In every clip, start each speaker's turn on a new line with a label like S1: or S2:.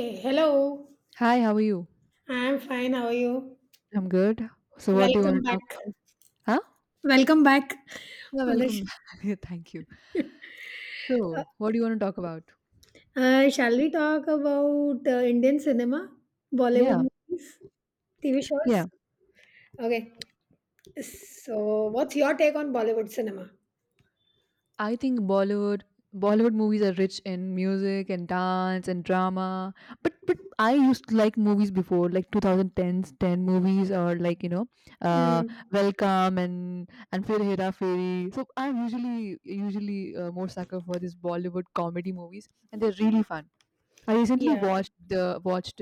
S1: Hey, hello,
S2: Hi, how are you?
S1: I'm fine. How are you?
S2: I'm good. So, what do you want
S1: Welcome
S2: to
S1: back.
S2: talk about? Huh?
S1: Welcome back.
S2: Yeah,
S1: On the
S2: welcome.
S1: sh-
S2: Back. Thank you. So, what do you want to talk about?
S1: Shall we talk about Indian cinema,
S2: Yeah,
S1: Bollywood movies, TV shows?
S2: yeah.
S1: Okay. So, what's your take on Bollywood cinema?
S2: I think Bollywood movies are rich in music and dance and drama. But I used to like movies before, like 2010s 10 movies or like uh,
S1: Mm.
S2: Welcome and Fir Hera Fairy. So I'm usually more sucker for these Bollywood comedy movies, and they're really fun. I recently
S1: Yeah.
S2: watched the watched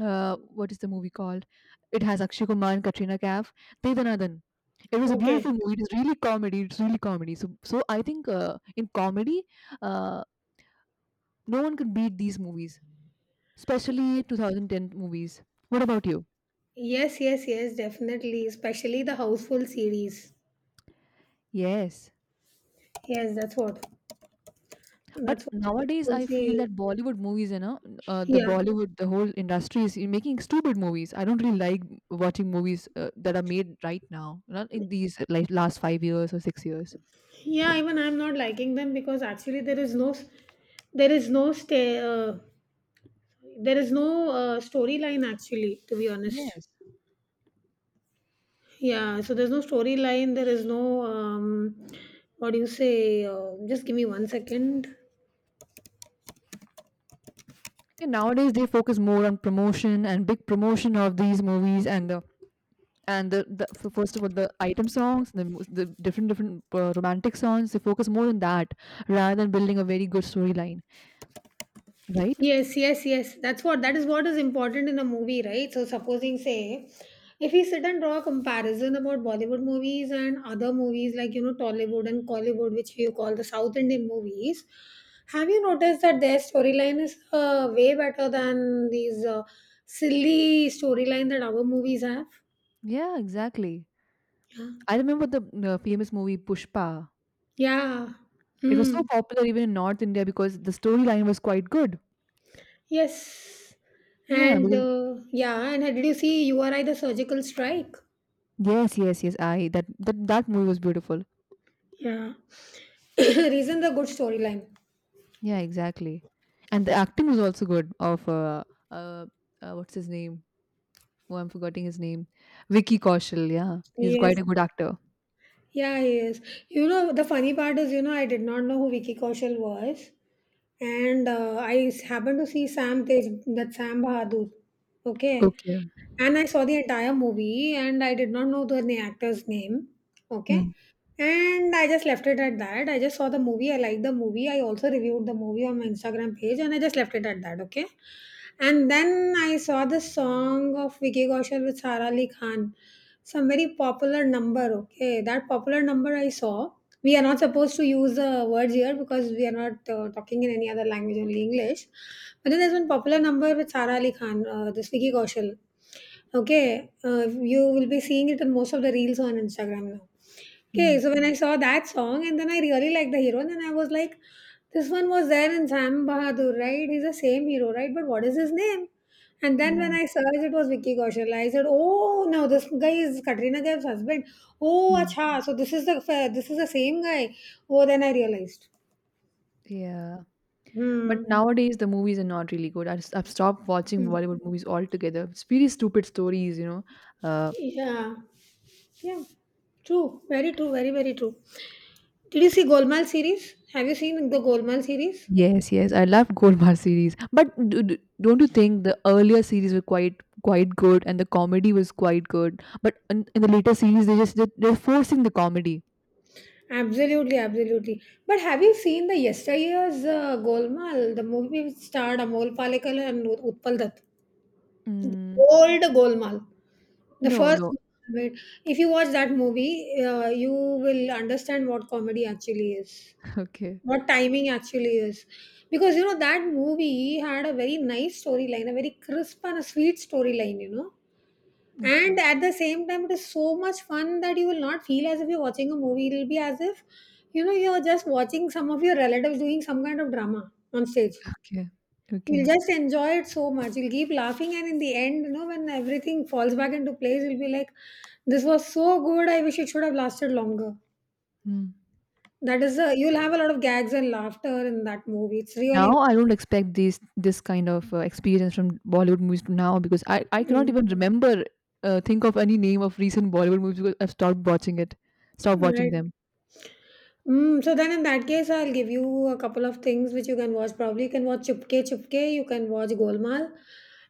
S2: uh, what is the movie called? It has Akshay Kumar and Katrina Kaif. Devanathan. It was a beautiful
S1: Okay.
S2: movie. It's really comedy. It's really comedy. So I think in comedy, uh, no one can beat these movies, especially 2010 movies. What about you?
S1: Yes, yes, yes, definitely. Especially the Houseful series.
S2: Yes,
S1: Yes, that's what.
S2: but
S1: That's what.
S2: nowadays
S1: Houseful
S2: I
S1: series.
S2: feel that Bollywood movies, you know, the
S1: Yeah.
S2: Bollywood, the whole industry is making stupid movies. I don't really like watching movies that are made right now, not in these like last 5 years or 6 years.
S1: Yeah, even I'm not liking them because actually there is no stay uh, there is no storyline, actually, to be honest.
S2: Yes.
S1: Yeah, so there's no storyline, there is no what do you say Just give me one second.
S2: And nowadays they focus more on promotion and big promotion of these movies and first of all the item songs the different romantic songs. They focus more on that rather than building a very good storyline, right?
S1: Yes, yes, yes, that's what, that is what is important in a movie, right? So supposing say, if we sit and draw a comparison about Bollywood movies and other movies, like, you know, Tollywood and Collywood, which you call the South Indian movies, have you noticed that their storyline is way better than these silly storyline that our movies have?
S2: Yeah, exactly. I remember the famous movie Pushpa.
S1: Yeah.
S2: It was so
S1: Hmm.
S2: popular even in North India because the storyline was quite good.
S1: Yes.
S2: Yeah,
S1: And
S2: because
S1: yeah, and did you see URI the surgical strike?
S2: yes, yes, yes. I that movie was beautiful.
S1: Yeah. Reason the good storyline.
S2: Yeah, exactly. And the acting was also good. Of uh, uh, what's his name? Oh, I'm forgetting his name. Vicky Kaushal. Yeah, he's
S1: Yes.
S2: quite a good actor.
S1: Yeah, yes. You know, the funny part is, you know, I did not know who Vicky Kaushal was. And happened to see Sam Tej, that Sam Bahadur. Okay.
S2: Okay.
S1: And I saw the entire movie and I did not know the actor's name. Okay.
S2: Hmm.
S1: And I just left it at that. I just saw the movie. I liked the movie. I also reviewed the movie on my Instagram page and I just left it at that. Okay. And then I saw the song of Vicky Kaushal with Sara Ali Khan. Some very popular number. Okay. That popular number I saw. We are not supposed to use the words here because we are not talking in any other language, only English. But then there's one popular number with Sara Ali Khan, this Vicky Kaushal. Okay, you will be seeing it in most of the reels on Instagram now. Okay,
S2: Hmm.
S1: so when I saw that song and then I really liked the hero, and then I was like, this one was there in Sam Bahadur, right? He's the same hero, right? But what is his name? And then when
S2: Yeah.
S1: I searched, it was Vicky Kaushal. I said, "Oh no, this guy is Katrina Kaif's husband. Oh,
S2: Hmm.
S1: acha, so this is the same guy." Oh, then I realized.
S2: Yeah. But
S1: Hmm.
S2: nowadays the movies are not really good. I just, I've stopped watching
S1: Hmm.
S2: Bollywood movies altogether. It's really stupid stories, you know. Uh,
S1: Yeah. Yeah, true. Very true. Very, very true. Did you see Golmaal series? Have you seen the Golmaal series?
S2: Yes, yes, I love Gold series. But don't you think the earlier series were quite good and the comedy was quite good? But in the later series, they just did, they're forcing the comedy.
S1: Absolutely, absolutely. But have you seen the yesteryear's Golmaal, the movie which starred Amol Palekar and Utpal Dutt? The
S2: Mm,
S1: old Golmaal. The
S2: no,
S1: first,
S2: no.
S1: Golmaal, right? If you watch that movie, you will understand what comedy actually is,
S2: Okay,
S1: what timing actually is. Because you know, that movie had a very nice storyline, a very crisp and a sweet storyline, you know. And
S2: okay,
S1: at the same time, it is so much fun that you will not feel as if you're watching a movie. It'll be as if, you know, you're just watching some of your relatives doing some kind of drama on stage.
S2: okay,
S1: You'll
S2: okay.
S1: just enjoy it so much. You'll keep laughing, and in the end, you know, when everything falls back into place, you'll be like, "This was so good. I wish it should have lasted longer."
S2: Hmm.
S1: That is, a, you'll have a lot of gags and laughter in that movie. It's
S2: Now
S1: really
S2: I don't expect this kind of experience from Bollywood movies now because I cannot
S1: Mm.
S2: even remember think of any name of recent Bollywood movies because I've stopped watching it, stopped watching
S1: Right.
S2: them.
S1: Mm, so then in that case, I'll give you a couple of things which you can watch. Probably you can watch Chupke Chupke, you can watch Golmaal,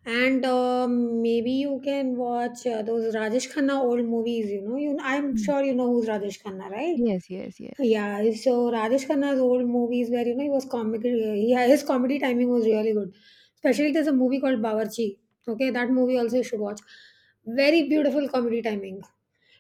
S1: and maybe you can watch those Rajesh Khanna old movies. You know, you I'm
S2: Hmm.
S1: sure you know who's Rajesh Khanna, right?
S2: Yes, yes, yes.
S1: Yeah, so Rajesh Khanna's old movies where you know he was comic, he his comedy timing was really good. Especially there's a movie called Bawarchi. Okay, that movie also you should watch. Very beautiful comedy timing.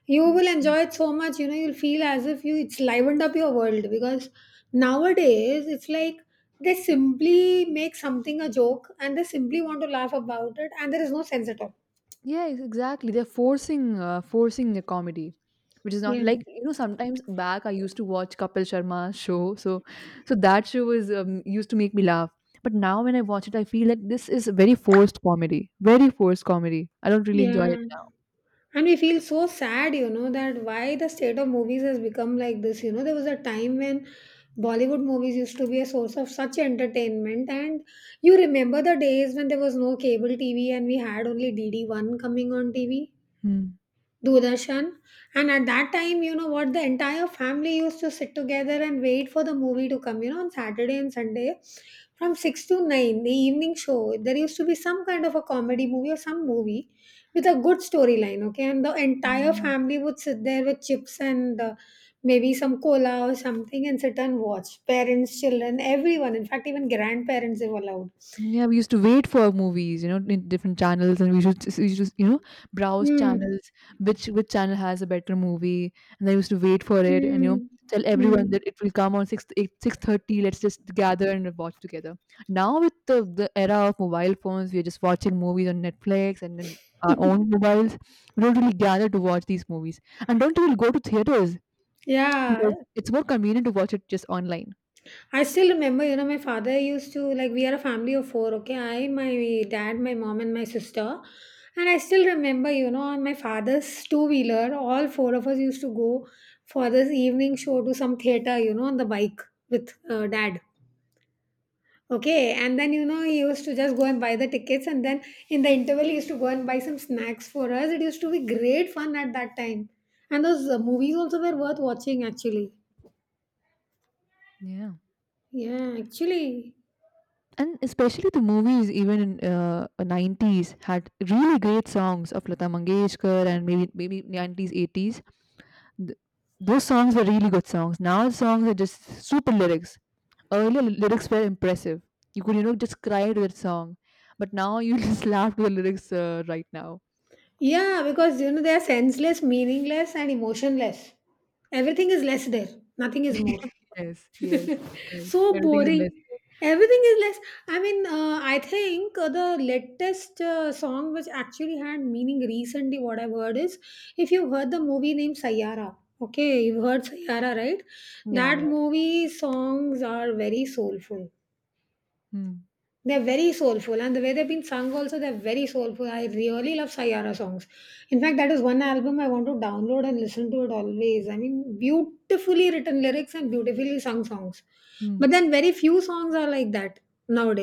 S1: You will
S2: Hmm.
S1: enjoy it so much. You know, you'll feel as if you it's livened up your world, because nowadays it's like they simply make something a joke and they simply want to laugh about it and there is no sense at all.
S2: Yeah, exactly. They're forcing the comedy, which is not,
S1: Yeah,
S2: like, you know. Sometimes back I used to watch Kapil Sharma's show, so that show was used to make me laugh. But now when I watch it, I feel like this is very forced comedy, very forced comedy. I don't really enjoy
S1: yeah.
S2: it
S1: And we feel so sad, you know, that why the state of movies has become like this. You know, there was a time when Bollywood movies used to be a source of such entertainment. And you remember the days when there was no cable TV and we had only DD1 coming on TV?
S2: now.
S1: Doordarshan. And at that time, you know what, the entire family used to sit together and wait for the movie to come, you know, on Saturday and Sunday from 6 to 9, the evening show. There used to be some kind of a comedy movie or some movie with a good storyline, okay? And the entire
S2: Hmm.
S1: family would sit there with chips and maybe some cola or something and sit and watch. Parents, children, everyone. In fact, even grandparents, they were allowed.
S2: Yeah, we used to wait for movies, you know, in different channels, and we should just, we should, you know, browse
S1: Mm,
S2: channels, which channel has a better movie, and I used to wait for it, and you know,
S1: mm,
S2: tell everyone
S1: mm.
S2: that it will come on 6, 8, 6:30. Let's just gather and watch together. Now with the era of mobile phones, we are just watching movies on Netflix and then our own mobiles. We don't really gather to watch these movies, and don't even go to theaters because
S1: Yeah,
S2: it's more convenient to watch it just online.
S1: I still remember, you know, my father used to like we are a family of 4, okay? I, my dad, my mom, and my sister. And I still remember, you know, on my father's two wheeler, all 4 of us used to go for this evening show to some theater, you know, on the bike with dad. Okay, and then you know he used to just go and buy the tickets, and then in the interval he used to go and buy some snacks for us. It used to be great fun at that time, and those movies also were worth watching actually.
S2: Yeah.
S1: Yeah, actually.
S2: And especially the movies even in 90s had really great songs of Lata Mangeshkar and maybe 90s 80s. Th- those songs were really good songs. Now songs are just super lyrics. Earlier lyrics were impressive. You could, you know, just cry to that song. But now you just laugh to the lyrics right now.
S1: Yeah, because you know they are senseless, meaningless, and emotionless. Everything is less there. Nothing is more.
S2: Yes, yes, right.
S1: So
S2: Everything is less.
S1: boring. Everything is less. I mean, I think the latest song which actually had meaning recently, what I've heard is if you've heard the movie named Sayara, okay, you've heard Sayara, right?
S2: Yeah,
S1: That
S2: yeah.
S1: movie songs are very soulful,
S2: Hmm.
S1: they're very soulful, and the way they've been sung also, they're very soulful. I really love Sayara songs. In fact, that is one album I want to download and listen to it always. I mean, beautifully written lyrics and beautifully sung songs.
S2: Hmm.
S1: But then very few songs are like that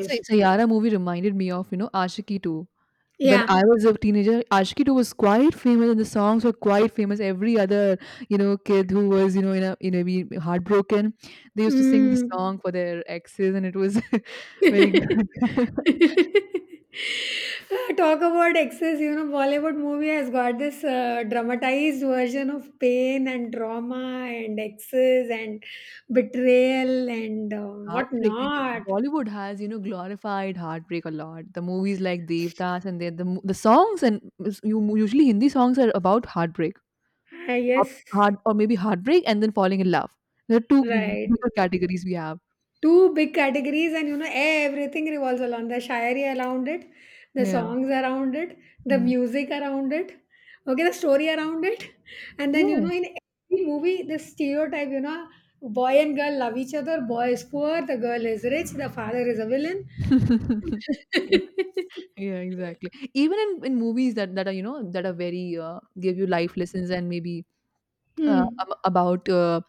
S2: So, Saiyaara movie reminded me of, you know, Aashiqui 2. When
S1: Yeah.
S2: I was a teenager, Aashiqui 2 was quite famous and the songs were quite famous. Every other, you know, kid who was, you know, in a be heartbroken, they used to sing the
S1: Mm.
S2: song for their exes and it was very good.
S1: Talk about excess, you know, Bollywood movie has got this dramatized version of pain and trauma and excess and betrayal and
S2: Heartbreaking.
S1: whatnot.
S2: Bollywood has, you know, glorified heartbreak a lot. The movies like Devdas and the songs and usually Hindi songs are about heartbreak.
S1: Ah,
S2: Heart
S1: yes,
S2: heart or maybe heartbreak and then falling in love. There are 2 m
S1: right.
S2: bigger categories we have.
S1: two big categories and you know everything revolves around the shayari around it, the
S2: Yeah.
S1: songs around it, the
S2: Mm.
S1: music around it, okay, the story around it, and then you
S2: Yeah.
S1: know in every movie the stereotype, you know, boy and girl love each other, boy is poor, the girl is rich, the father is a villain.
S2: Yeah, exactly. Even in movies that are, you know, that are very, give you life lessons and maybe, uh,
S1: Hmm.
S2: ab about, uh,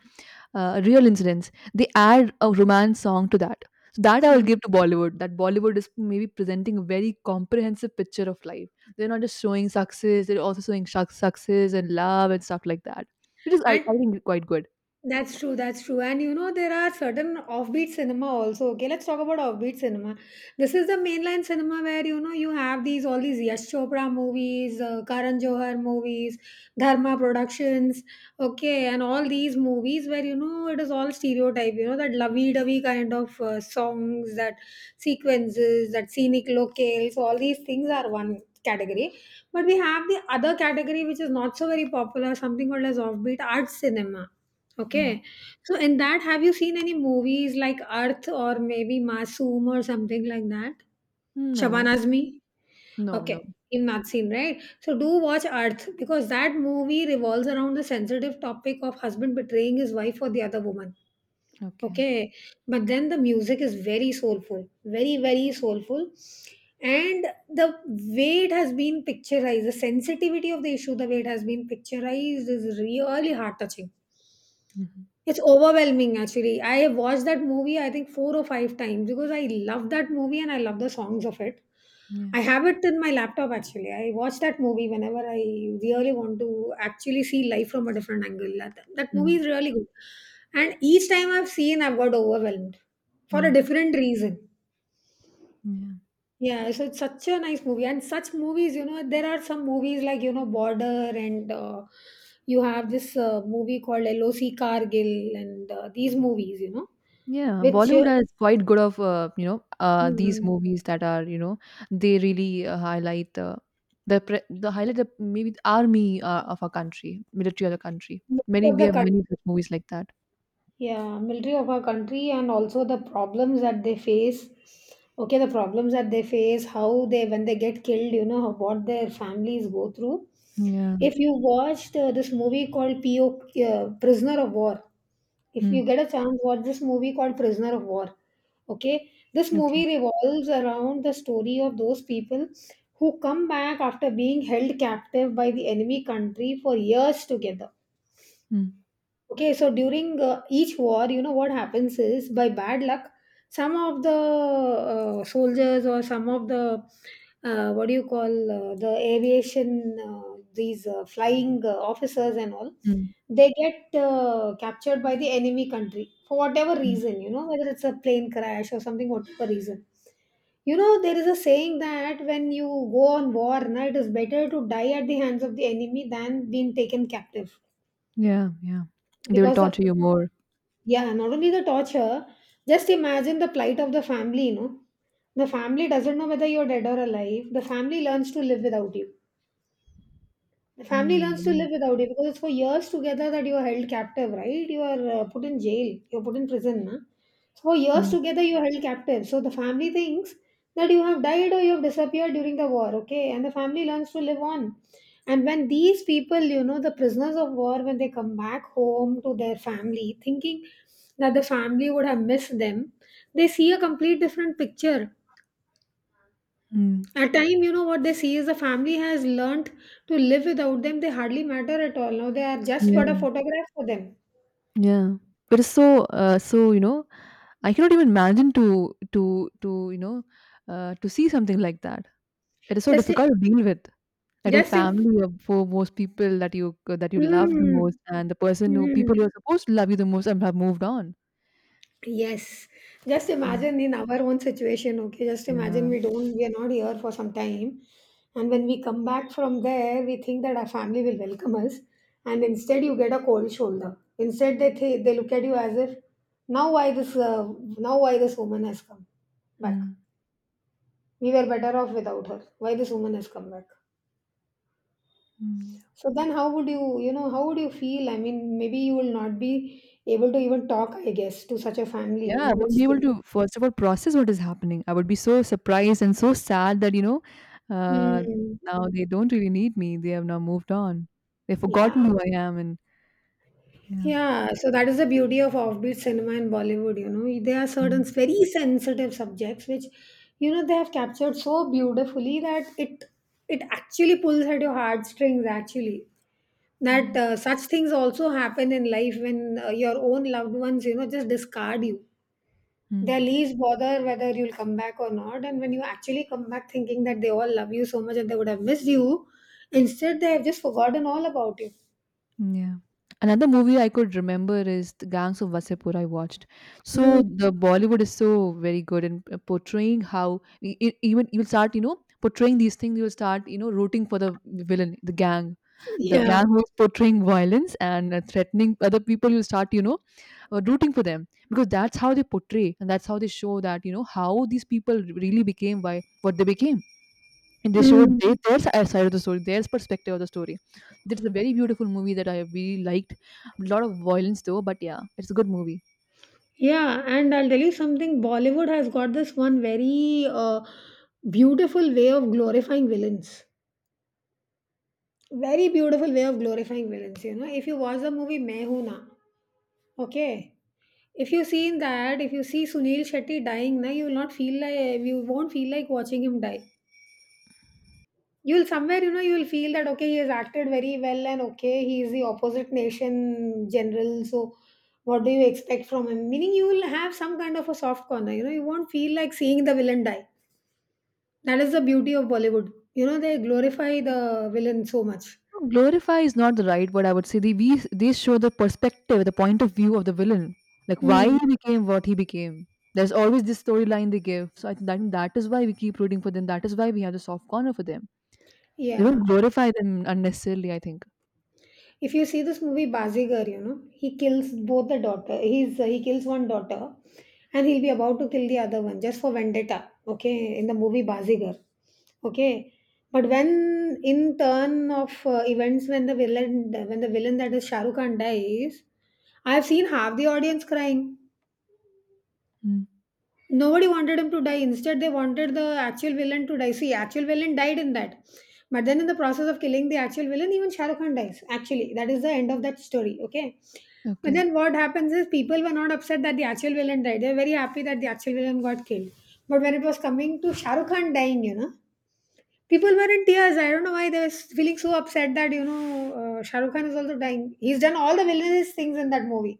S2: real incidents, they add a romance song to that. So that I will
S1: Hmm.
S2: give to Bollywood, that Bollywood is maybe presenting a very comprehensive picture of life. They're not just showing success, they're also showing success and love and stuff like that, which is I
S1: And
S2: I think quite good.
S1: that's true, that's true. And you know, there are certain offbeat cinema also. Okay, let's talk about offbeat cinema. This is the mainline cinema where you know you have these all these Yash Chopra movies, Karan Johar movies, Dharma Productions, okay, and all these movies where you know it is all stereotype, you know, that lovey dovey kind of songs, that sequences, that scenic locales, all these things are one category. But we have the other category which is not so very popular, something called as offbeat art cinema. Okay. So in that, have you seen any movies like Earth or maybe Masoom or something like that? Shaban
S2: No.
S1: Azmi?
S2: No, no.
S1: Okay. You've not seen, right? So do watch Earth because that movie revolves around the sensitive topic of husband betraying his wife for the other woman.
S2: Okay.
S1: Okay. But then the music is very soulful, very, very soulful. And the way it has been picturized, the sensitivity of the issue, the way it has been picturized is really heart touching.
S2: Mhm.
S1: It's overwhelming actually. I have watched that movie I think 4 or 5 times because I love that movie and I love the songs of it.
S2: Yeah.
S1: I have it in my laptop actually. I watch that movie whenever I really want to actually see life from a different angle. That movie
S2: Mm,
S1: is really good. And each time I've seen, I've got overwhelmed for a
S2: mm,
S1: different reason.
S2: yeah.
S1: Yeah, so it's such a nice movie, and such movies, you know, there are some movies like you know Border, and you have this movie called LOC Cargill, and these movies, you know,
S2: Yeah,
S1: which
S2: Bollywood has quite good of you know these
S1: mm,
S2: movies that are, you know, they really highlight the highlight the maybe the army of a country, military of a country.
S1: military
S2: Many
S1: of
S2: we
S1: the
S2: have
S1: country,
S2: many good movies like that.
S1: yeah, military of our country, and also the problems that they face. Okay, the problems that they face, how they when they get killed, you know, how, what their families go through.
S2: Yeah.
S1: If you watched this movie called PO uh, Prisoner of War. If
S2: Mm.
S1: you get a chance, watch this movie called Prisoner of War. Okay, this
S2: Okay.
S1: movie revolves around the story of those people who come back after being held captive by the enemy country for years together.
S2: Mm.
S1: Okay, so during each war, you know what happens is by bad luck, some of the soldiers, or some of the what do you call, the aviation, these flying officers and all,
S2: Mm.
S1: they get captured by the enemy country for whatever
S2: Mm.
S1: reason, you know, whether it's a plane crash or something, whatever reason. You know, there is a saying that when you go on war na, it is better to die at the hands of the enemy than being taken captive
S2: Yeah. Yeah. They will
S1: because the
S2: torture you more.
S1: yeah, not only the torture, just imagine the plight of the family, you know. The family doesn't know whether you're dead or alive. The family learns to live without you. The family learns to
S2: Mm.
S1: live without you because it's for years together that you are held captive, right? You are put in jail, you're put in prison. Na? So for years
S2: Mm.
S1: together, you are held captive. So the family thinks that you have died or you have disappeared during the war, okay? And the family learns to live on. And when these people, you know, the prisoners of war, when they come back home to their family, thinking that the family would have missed them, they see a complete different picture
S2: Mm.
S1: at time. You know what they see is the family has learnt to live without them. They hardly matter at all. Now they are just but a
S2: Yeah.
S1: photograph for them.
S2: Yeah. But it's so so you know I cannot even imagine to you know to see something like that. It is so
S1: Just, I-
S2: difficult to deal with that your
S1: just, im-
S2: family, your for most people that you love the
S1: mm,
S2: most, and the person who people
S1: mm,
S2: who are supposed to love you the most and have moved on.
S1: Yes. Just
S2: Mm,
S1: imagine in our own situation. Okay, just imagine
S2: yeah.
S1: we are not here for some time, and when we come back from there, we think that our family will welcome us, and instead you get a cold shoulder. Instead, they look at you as if now why this uh, now why this woman has come back.
S2: Mm,
S1: We were better off without her. Why this woman has come back?
S2: mm, yeah.
S1: So then how would you, you know, how would you feel? I mean, maybe you will not be able to even talk, I guess, to such a family,
S2: Yeah,
S1: you know,
S2: I won't
S1: which
S2: be able
S1: thing.
S2: to, first of all, process what is happening. I would be so surprised and so sad that, you know, uh,
S1: Hmm.
S2: now they don't really need me. They have now moved on. They've forgotten
S1: Yeah.
S2: who I am. And yeah.
S1: Yeah, so that is the beauty of offbeat cinema in Bollywood. You know, there are certain
S2: Mm.
S1: very sensitive subjects which, you know, they have captured so beautifully that it actually pulls at your heartstrings. Actually,
S2: Yeah.
S1: that such things also happen in life when your own loved ones, you know, just discard you.
S2: Mm.
S1: Their leaves bother whether you'll come back or not. And when you actually come back thinking that they all love you so much and they would have missed you, instead they have just forgotten all about you.
S2: Yeah. Another movie I could remember is the Gangs of Wasipur I watched.
S1: Mm,
S2: So the Bollywood is so very good in portraying how even you will start, you know, portraying these things, you will start, you know, rooting for the villain, the gang. The
S1: yeah.
S2: gang who is portraying violence and threatening other people, you start, you know, rooting for them because that's how they portray and that's how they show that, you know, how these people really became by what they became. And they showed
S1: Mm,
S2: their side of the story, their perspective of the story. This is a very beautiful movie that I really liked. A lot of violence though, but yeah, it's a good movie.
S1: yeah. And I'll tell you something, Bollywood has got this one very beautiful way of glorifying villains. Very beautiful way of glorifying villains. You know, if you watch the movie Main Hoon Na, okay. If you see in that, if you see Sunil Shetty dying, na, you won't feel like watching him die. You'll somewhere, you know, you'll feel that okay, he has acted very well, and okay, he is the opposite nation general, so what do you expect from him? Meaning you will have some kind of a soft corner, you know, you won't feel like seeing the villain die. That is the beauty of Bollywood. You know, they glorify the villain so much.
S2: No, glorify is not the right word. I would say they show the perspective, the point of view of the villain, like why
S1: Mm.
S2: he became what he became. There's always this storyline they give, so I think that is why we keep rooting for them. That is why we have the soft corner for them. They
S1: Yeah,
S2: don't glorify them unnecessarily, I think.
S1: if you see this movie Bazigar, you know, he kills both the daughter. He's he kills one daughter, and he'll be about to kill the other one just for vendetta. Okay, in the movie Bazigar. Okay, but when in turn of events, when the villain, that is Shahrukh Khan, dies, I have seen half the audience crying.
S2: Mm.
S1: Nobody wanted him to die. Instead, they wanted the actual villain to die. See, actual villain died in that. But then, in the process of killing the actual villain, even Shah Rukh Khan dies. Actually, that is the end of that story. Okay. But
S2: Okay.
S1: then, what happens is people were not upset that the actual villain died. They were very happy that the actual villain got killed. But when it was coming to Shah Rukh Khan dying, you know, people were in tears. I don't know why they were feeling so upset that, you know, Shah Rukh Khan is also dying. He's done all the villainous things in that movie.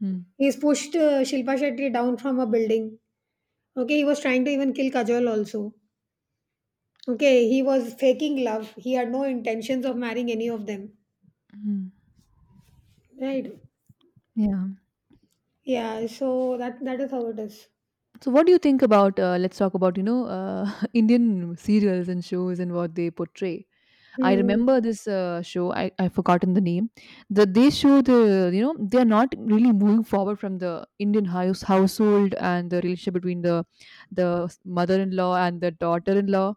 S2: Mm.
S1: He's pushed Shilpa Shetty down from a building. Okay, he was trying to even kill Kajol also. Okay, he was faking love. He had no intentions of marrying any of them.
S2: Mm.
S1: Right?
S2: Yeah.
S1: Yeah, so that is how it is.
S2: So, what do you think about? Let's talk about, you know, Indian serials and shows and what they portray. I
S1: Hmm.
S2: remember this show. I forgotten the name. That they show the, you know, they are not really moving forward from the Indian household and the relationship between the mother-in-law and the daughter-in-law.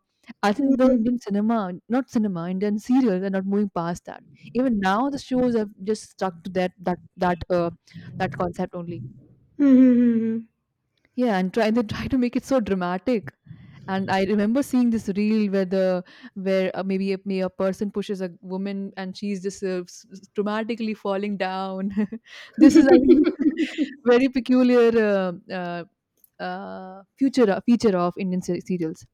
S2: I think the
S1: Hmm.
S2: Indian cinema, not cinema, Indian serials are not moving past that. Even now, the shows have just stuck to that concept only.
S1: Hmm.
S2: Yeah, and try they try to make it so dramatic. And I remember seeing this reel where the where maybe a, may a person pushes a woman and she's just dramatically falling down. This is, I think, very peculiar future feature of Indian serials.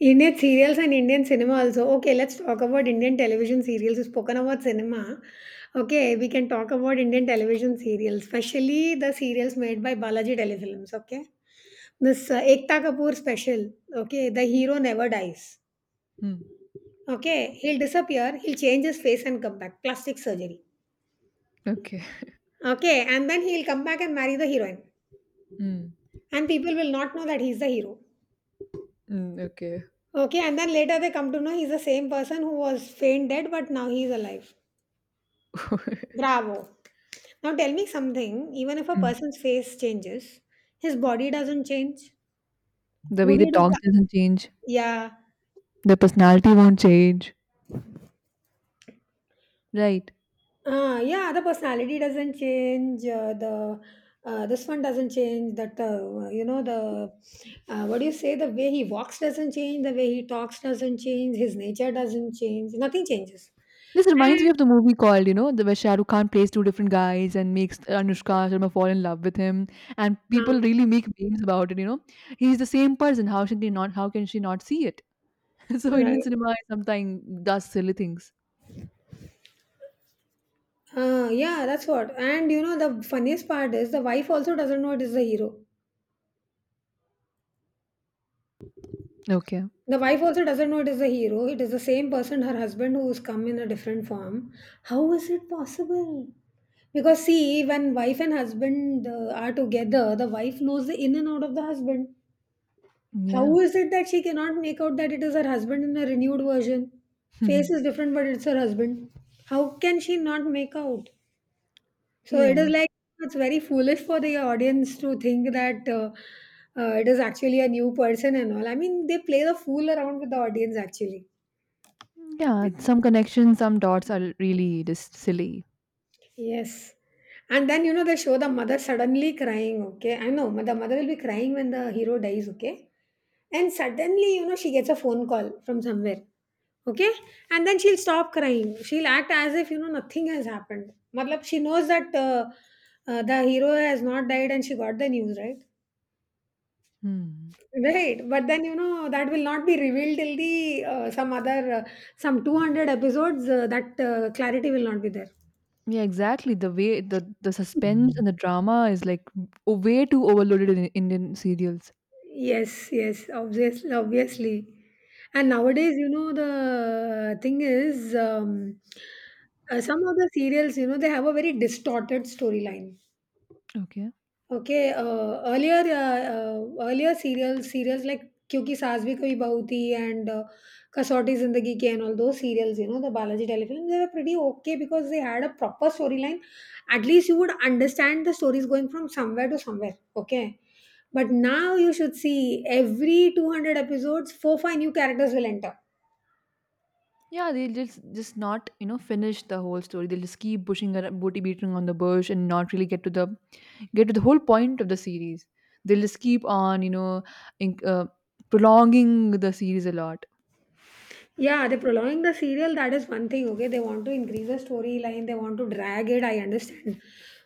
S1: Indian serials and Indian cinema also. Okay, let's talk about Indian television serials. You've spoken about cinema. Okay, we can talk about Indian television serials, especially the serials made by Balaji Telefilms. Okay, this Ekta Kapoor special. Okay, the hero never dies.
S2: Hmm.
S1: Okay, he'll disappear, he'll change his face and come back. Plastic surgery.
S2: Okay.
S1: Okay, and then he'll come back and marry the heroine.
S2: Mm.
S1: And people will not know that he's the hero.
S2: Mm, okay.
S1: Okay, and then later they come to know he's the same person who was faint dead, but now he's alive. Bravo. Now tell me something, even if a
S2: Mm.
S1: person's face changes, his body doesn't change.
S2: The way
S1: Would
S2: they
S1: you do
S2: talk
S1: pla-
S2: doesn't change.
S1: Yeah.
S2: Their personality won't change. Right.
S1: Ah, yeah, the personality doesn't change. The this one doesn't change. That you know, the what do you say? The way he walks doesn't change. The way he talks doesn't change. His nature doesn't change. Nothing changes.
S2: This reminds me
S1: And
S2: of the movie called, you know, the where Shah Rukh Khan plays two different guys and makes Anushka Sharma fall in love with him, and people
S1: uh,
S2: really make memes about it. You know, he's the same person. How should they not? How can she not see it? So Indian
S1: right,
S2: cinema sometimes does silly things.
S1: yeah, that's what. And you know the funniest part is the wife also doesn't know it is the hero.
S2: Okay.
S1: The wife also doesn't know it is a hero. It is the same person, her husband, who's come in a different form. How is it possible? Because see, when wife and husband are together, the wife knows the in and out of the husband.
S2: Yeah.
S1: How is it that she cannot make out that it is her husband in a renewed version? Face is different, but it's her husband. How can she not make out? So it is
S2: Yeah.
S1: like it's very foolish for the audience to think that it is actually a new person and all. I mean, they play the fool around with the audience actually.
S2: Yeah. Some connections, some dots are really just silly.
S1: Yes. And then, you know, they show the mother suddenly crying, okay? I know, the mother will be crying when the hero dies, okay? And suddenly, you know, she gets a phone call from somewhere, okay? And then she'll stop crying. She'll act as if, you know, nothing has happened. Matlab, she knows that the hero has not died and she got the news, right?
S2: Hmm.
S1: Right, but then you know that will not be revealed till the some other some 200 episodes, that clarity will not be there.
S2: Yeah, exactly. The way the suspense and the drama is like way too overloaded in Indian serials.
S1: Yes, yes, obviously, obviously. And nowadays, you know, the thing is, some of the serials, you know, they have a very distorted storyline.
S2: Okay.
S1: Okay, serials like क्योंकि सास भी कभी बहू थी and कसौटी जिंदगी के, and all those serials, you know, the Balaji Telefilms, they were pretty okay because they had a proper storyline. At least you would understand the stories going from somewhere to somewhere, okay? But now you should see, every 200 episodes, four, five new characters will enter.
S2: Yeah, they'll just not, you know, finish the whole story. They'll just keep pushing and booty beating on the bush and not really get to the whole point of the series. They'll just keep on, you know, in, uh, prolonging the series a lot.
S1: Yeah, they're prolonging the serial. That is one thing, okay? They want to increase the storyline, they want to drag it. I understand.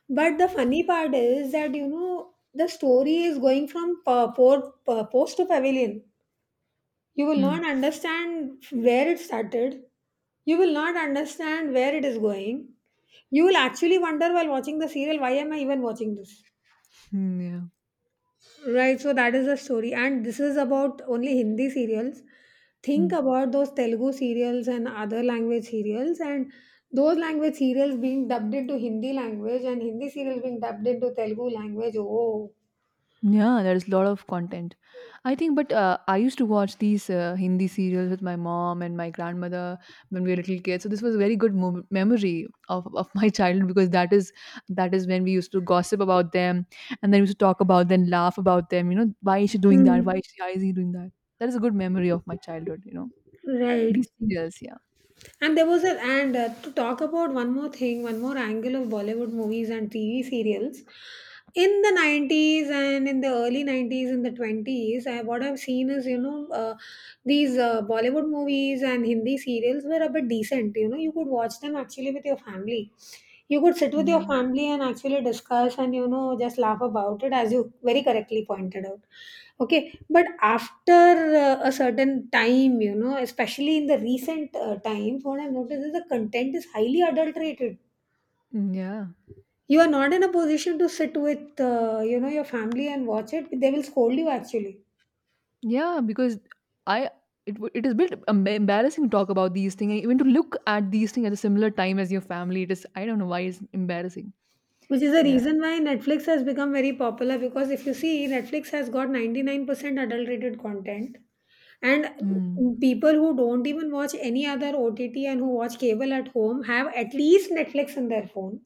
S1: But the funny part is that, you know, the story is going from post to pavilion. You will not
S2: Hmm.
S1: understand where it started, you will not understand where it is going. You will actually wonder while watching the serial, why am I even watching this?
S2: Hmm, yeah.
S1: Right, so that is the story, and this is about only Hindi serials. Think about those Telugu serials and other language serials, and those language serials being dubbed into Hindi language and Hindi serials being dubbed into Telugu language. Oh,
S2: Yeah, there's a lot of content. I think, but I used to watch these Hindi serials with my mom and my grandmother when we were little kids. So this was a very good memory of my childhood because that is when we used to gossip about them and then we used to talk about them, laugh about them. You know, why is she doing that? Why
S1: Mm.
S2: is she, why is he doing that? That is a good memory of my childhood, you know, these
S1: Right.
S2: serials. Yeah,
S1: And there was a and to talk about one more thing, one more angle of Bollywood movies and TV serials. In the 90s and in the early 90s and the 20s, I, what I've seen is, you know, these Bollywood movies and Hindi serials were a bit decent. You know, you could watch them actually with your family. You could sit with your
S2: yeah,
S1: family and actually discuss and, just laugh about it as you very correctly pointed out. Okay, but after a certain time, you know, especially in the recent times, what I've noticed is the content is highly adulterated.
S2: yeah.
S1: You are not in a position to sit with, your family and watch it. They will scold you actually,
S2: Yeah, because I it it is a bit embarrassing to talk about these things, and even to look at these things at a similar time as your family. It is, I don't know why it's embarrassing.
S1: which is the
S2: Yeah.
S1: reason why Netflix has become very popular. Because if you see, Netflix has got 99% adulterated content, and
S2: Hmm.
S1: people who don't even watch any other OTT and who watch cable at home have at least Netflix in their phone.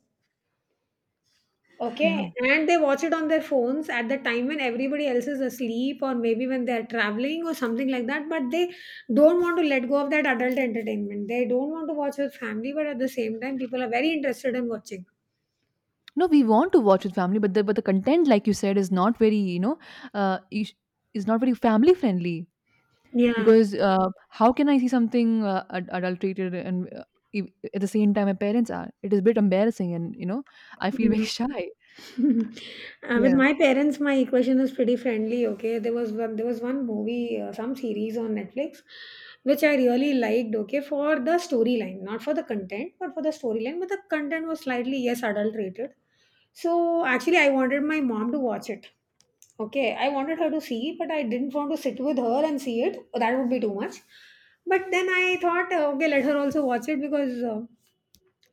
S2: Yeah.
S1: Okay, and they watch it on their phones at the time when everybody else is asleep, or maybe when they're traveling or something like that. But they don't want to let go of that adult entertainment. They don't want to watch with family, but at the same time, people are very interested in watching.
S2: No, we want to watch with family, but the content, like you said, is not very, you know, uh, is is not very family friendly
S1: Yeah.
S2: because how can I see something adulterated and e- at the same time my parents are? It is a bit embarrassing, and you know I feel very
S1: Yeah.
S2: shy.
S1: With
S2: Yeah.
S1: my parents my equation is pretty friendly. Okay, there was one, there was one movie, some series on Netflix which I really liked. Okay, for the storyline, not for the content, but for the storyline, but the content was slightly, yes, adulterated. So actually I wanted my mom to watch it. Okay, I wanted her to see, but I didn't want to sit with her and see it. That would be too much. But then I thought, okay, let her also watch it because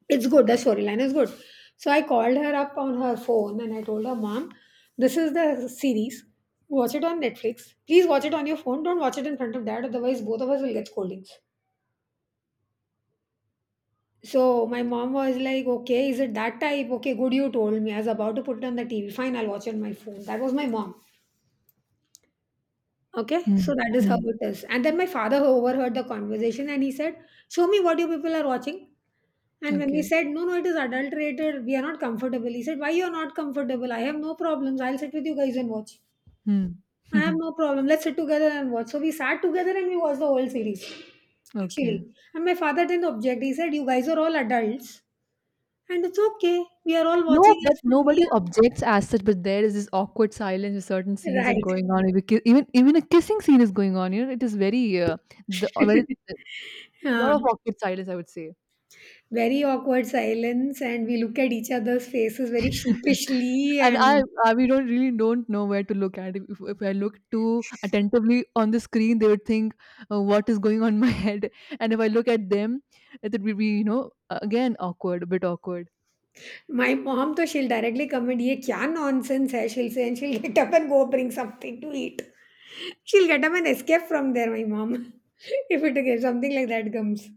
S1: it's good. The storyline is good. So I called her up on her phone and I told her, Mom, this is the series. Watch it on Netflix. Please watch it on your phone. Don't watch it in front of dad, otherwise, both of us will get scoldings. So my mom was like, Okay, is it that type? Okay, good, you told me. I was about to put it on the TV. Fine, I'll watch it on my phone. That was my mom. Okay,
S2: Hmm.
S1: so that is how
S2: Hmm.
S1: it is. And then my father overheard the conversation and he said, Show me what you people are watching. And when he
S2: Okay.
S1: said, No, no, it is adulterated, we are not comfortable. He said, Why you are not comfortable? I have no problems. I'll sit with you guys and watch.
S2: Hmm.
S1: I have no problem. Let's sit together and watch. So we sat together and we watched the whole series.
S2: Okay.
S1: Actually. And my father didn't object. He said, You guys are all adults and it's okay. We are all
S2: No,
S1: watching
S2: but
S1: as family.
S2: nobody objects as such. But there is this awkward silence, where certain scenes
S1: Yeah.
S2: are going on. Even even a kissing scene is going on. You know, it is very the a
S1: Right.
S2: very
S1: Yeah.
S2: lot of awkward silence, I would say.
S1: Very awkward silence and we look at each other's faces very sheepishly.
S2: And
S1: And
S2: I we don't really don't know where to look at. If I look too attentively on the screen, they would think what is going on in my head. And if I look at them, it would be, you know, again awkward, a bit awkward.
S1: my mom, though, she'll directly comment, "ये kya nonsense hai?" she'll say, and she'll get up and go bring something to eat. She'll get up and escape from there, my mom, if it, if something like that comes.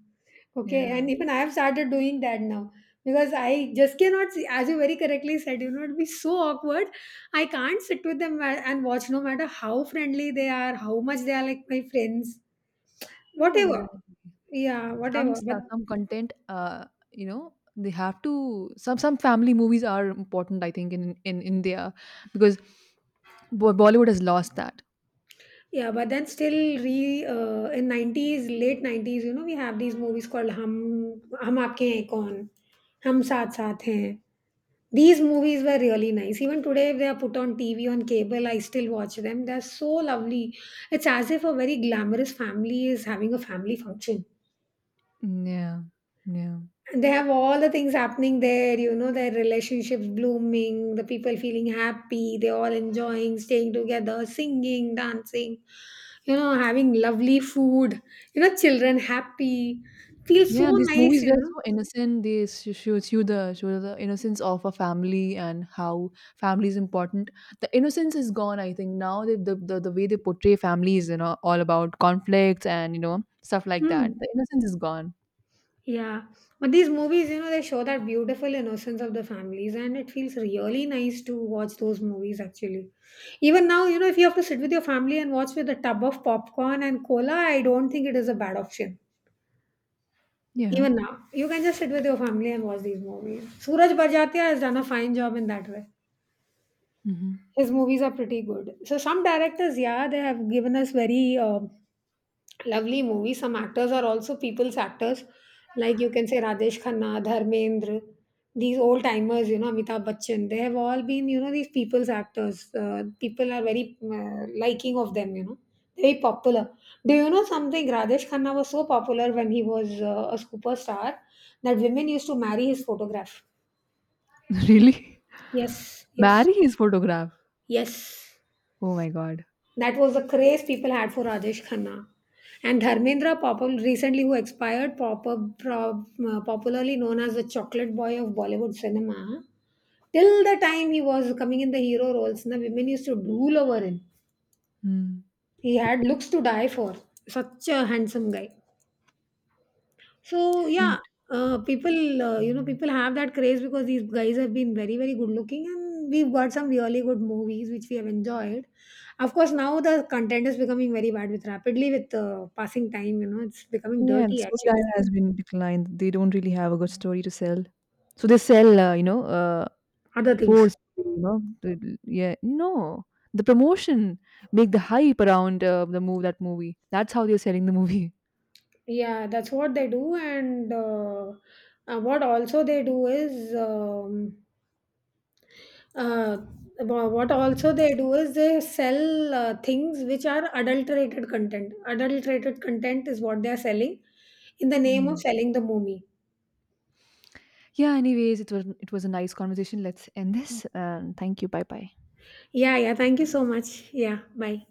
S1: Okay,
S2: Yeah.
S1: and even I have started doing that now because I just cannot see, as you very correctly said, you know, it'd be so awkward. I can't sit with them and watch, no matter how friendly they are, how much they are like my friends,
S2: Yeah,
S1: whatever.
S2: exactly.
S1: Yeah,
S2: Some
S1: whatever. But
S2: stuff, some content, you know, they have to. Some family movies are important, I think, in India because Bollywood has lost that.
S1: yeah, but then still, re in nineties, late 90s, you know, we have these movies called Hum Aapke Hain Kaun, Hum Saath Saath Hain. These movies were really nice. Even today, if they are put on TV on cable, I still watch them. They're so lovely. It's as if a very glamorous family is having a family function.
S2: Mm, yeah, yeah,
S1: They have all the things happening there, you know, their relationships blooming, the people feeling happy, they all enjoying staying together, singing, dancing, you know, having lovely food, you know, children happy. Feels
S2: yeah.
S1: so
S2: These
S1: nice,
S2: movies
S1: you
S2: were
S1: know.
S2: so innocent. They show the innocence of a family and how family is important. The innocence is gone. I think now the way they portray family is, you know, all about conflicts and you know stuff like that.
S1: Hmm.
S2: The innocence is gone.
S1: Yeah. But these movies, you know, they show that beautiful innocence of the families, and it feels really nice to watch those movies actually. Even now, you know, if you have to sit with your family and watch with a tub of popcorn and cola, I don't think it is a bad option.
S2: Yeah.
S1: Even now, you can just sit with your family and watch these movies. Suraj Barjatia has done a fine job in that way.
S2: Hmm.
S1: His movies are pretty good. So some directors, yeah, they have given us very lovely movie. Some actors are also people's actors, like you can say Rajesh Khanna, Dharmendra, these old timers, you know, Amitabh Bachchan. They have all been, you know, these people's actors. People are very liking of them, you know, very popular. Do you know something? Rajesh Khanna was so popular when he was a superstar that women used to marry his photograph.
S2: Really?
S1: Yes, yes,
S2: Marry his photograph.
S1: yes.
S2: Oh my god.
S1: That was the craze people had for Rajesh Khanna. And Dharmendra Papal, recently who expired, popularly known as the chocolate boy of Bollywood cinema, till the time he was coming in the hero roles, the women used to drool over him.
S2: Hmm.
S1: He had looks to die for. Such a handsome guy. So
S2: Right.
S1: yeah, people, people have that craze because these guys have been very, very good looking, and we've got some really good movies which we have enjoyed. Of course, now the content is becoming very bad, with rapidly, with passing time. You know, it's becoming
S2: Yeah, the
S1: dirty actually.
S2: storyline has been declined. They don't really have a good story to sell. So they sell, you know,
S1: Other things.
S2: forcefully, you know, the- yeah, no, the promotion, make the hype around the move that movie. That's how they're selling the movie.
S1: Yeah, that's what they do, and what also they do is. Uh, what also they do is they sell things which are adulterated content. Adulterated content is what they are selling in the name of
S2: Mm.
S1: selling the movie.
S2: Yeah. Anyways, it was a nice conversation. Let's end this. Thank you. Bye bye.
S1: Yeah, yeah. Thank you so much. Yeah, bye.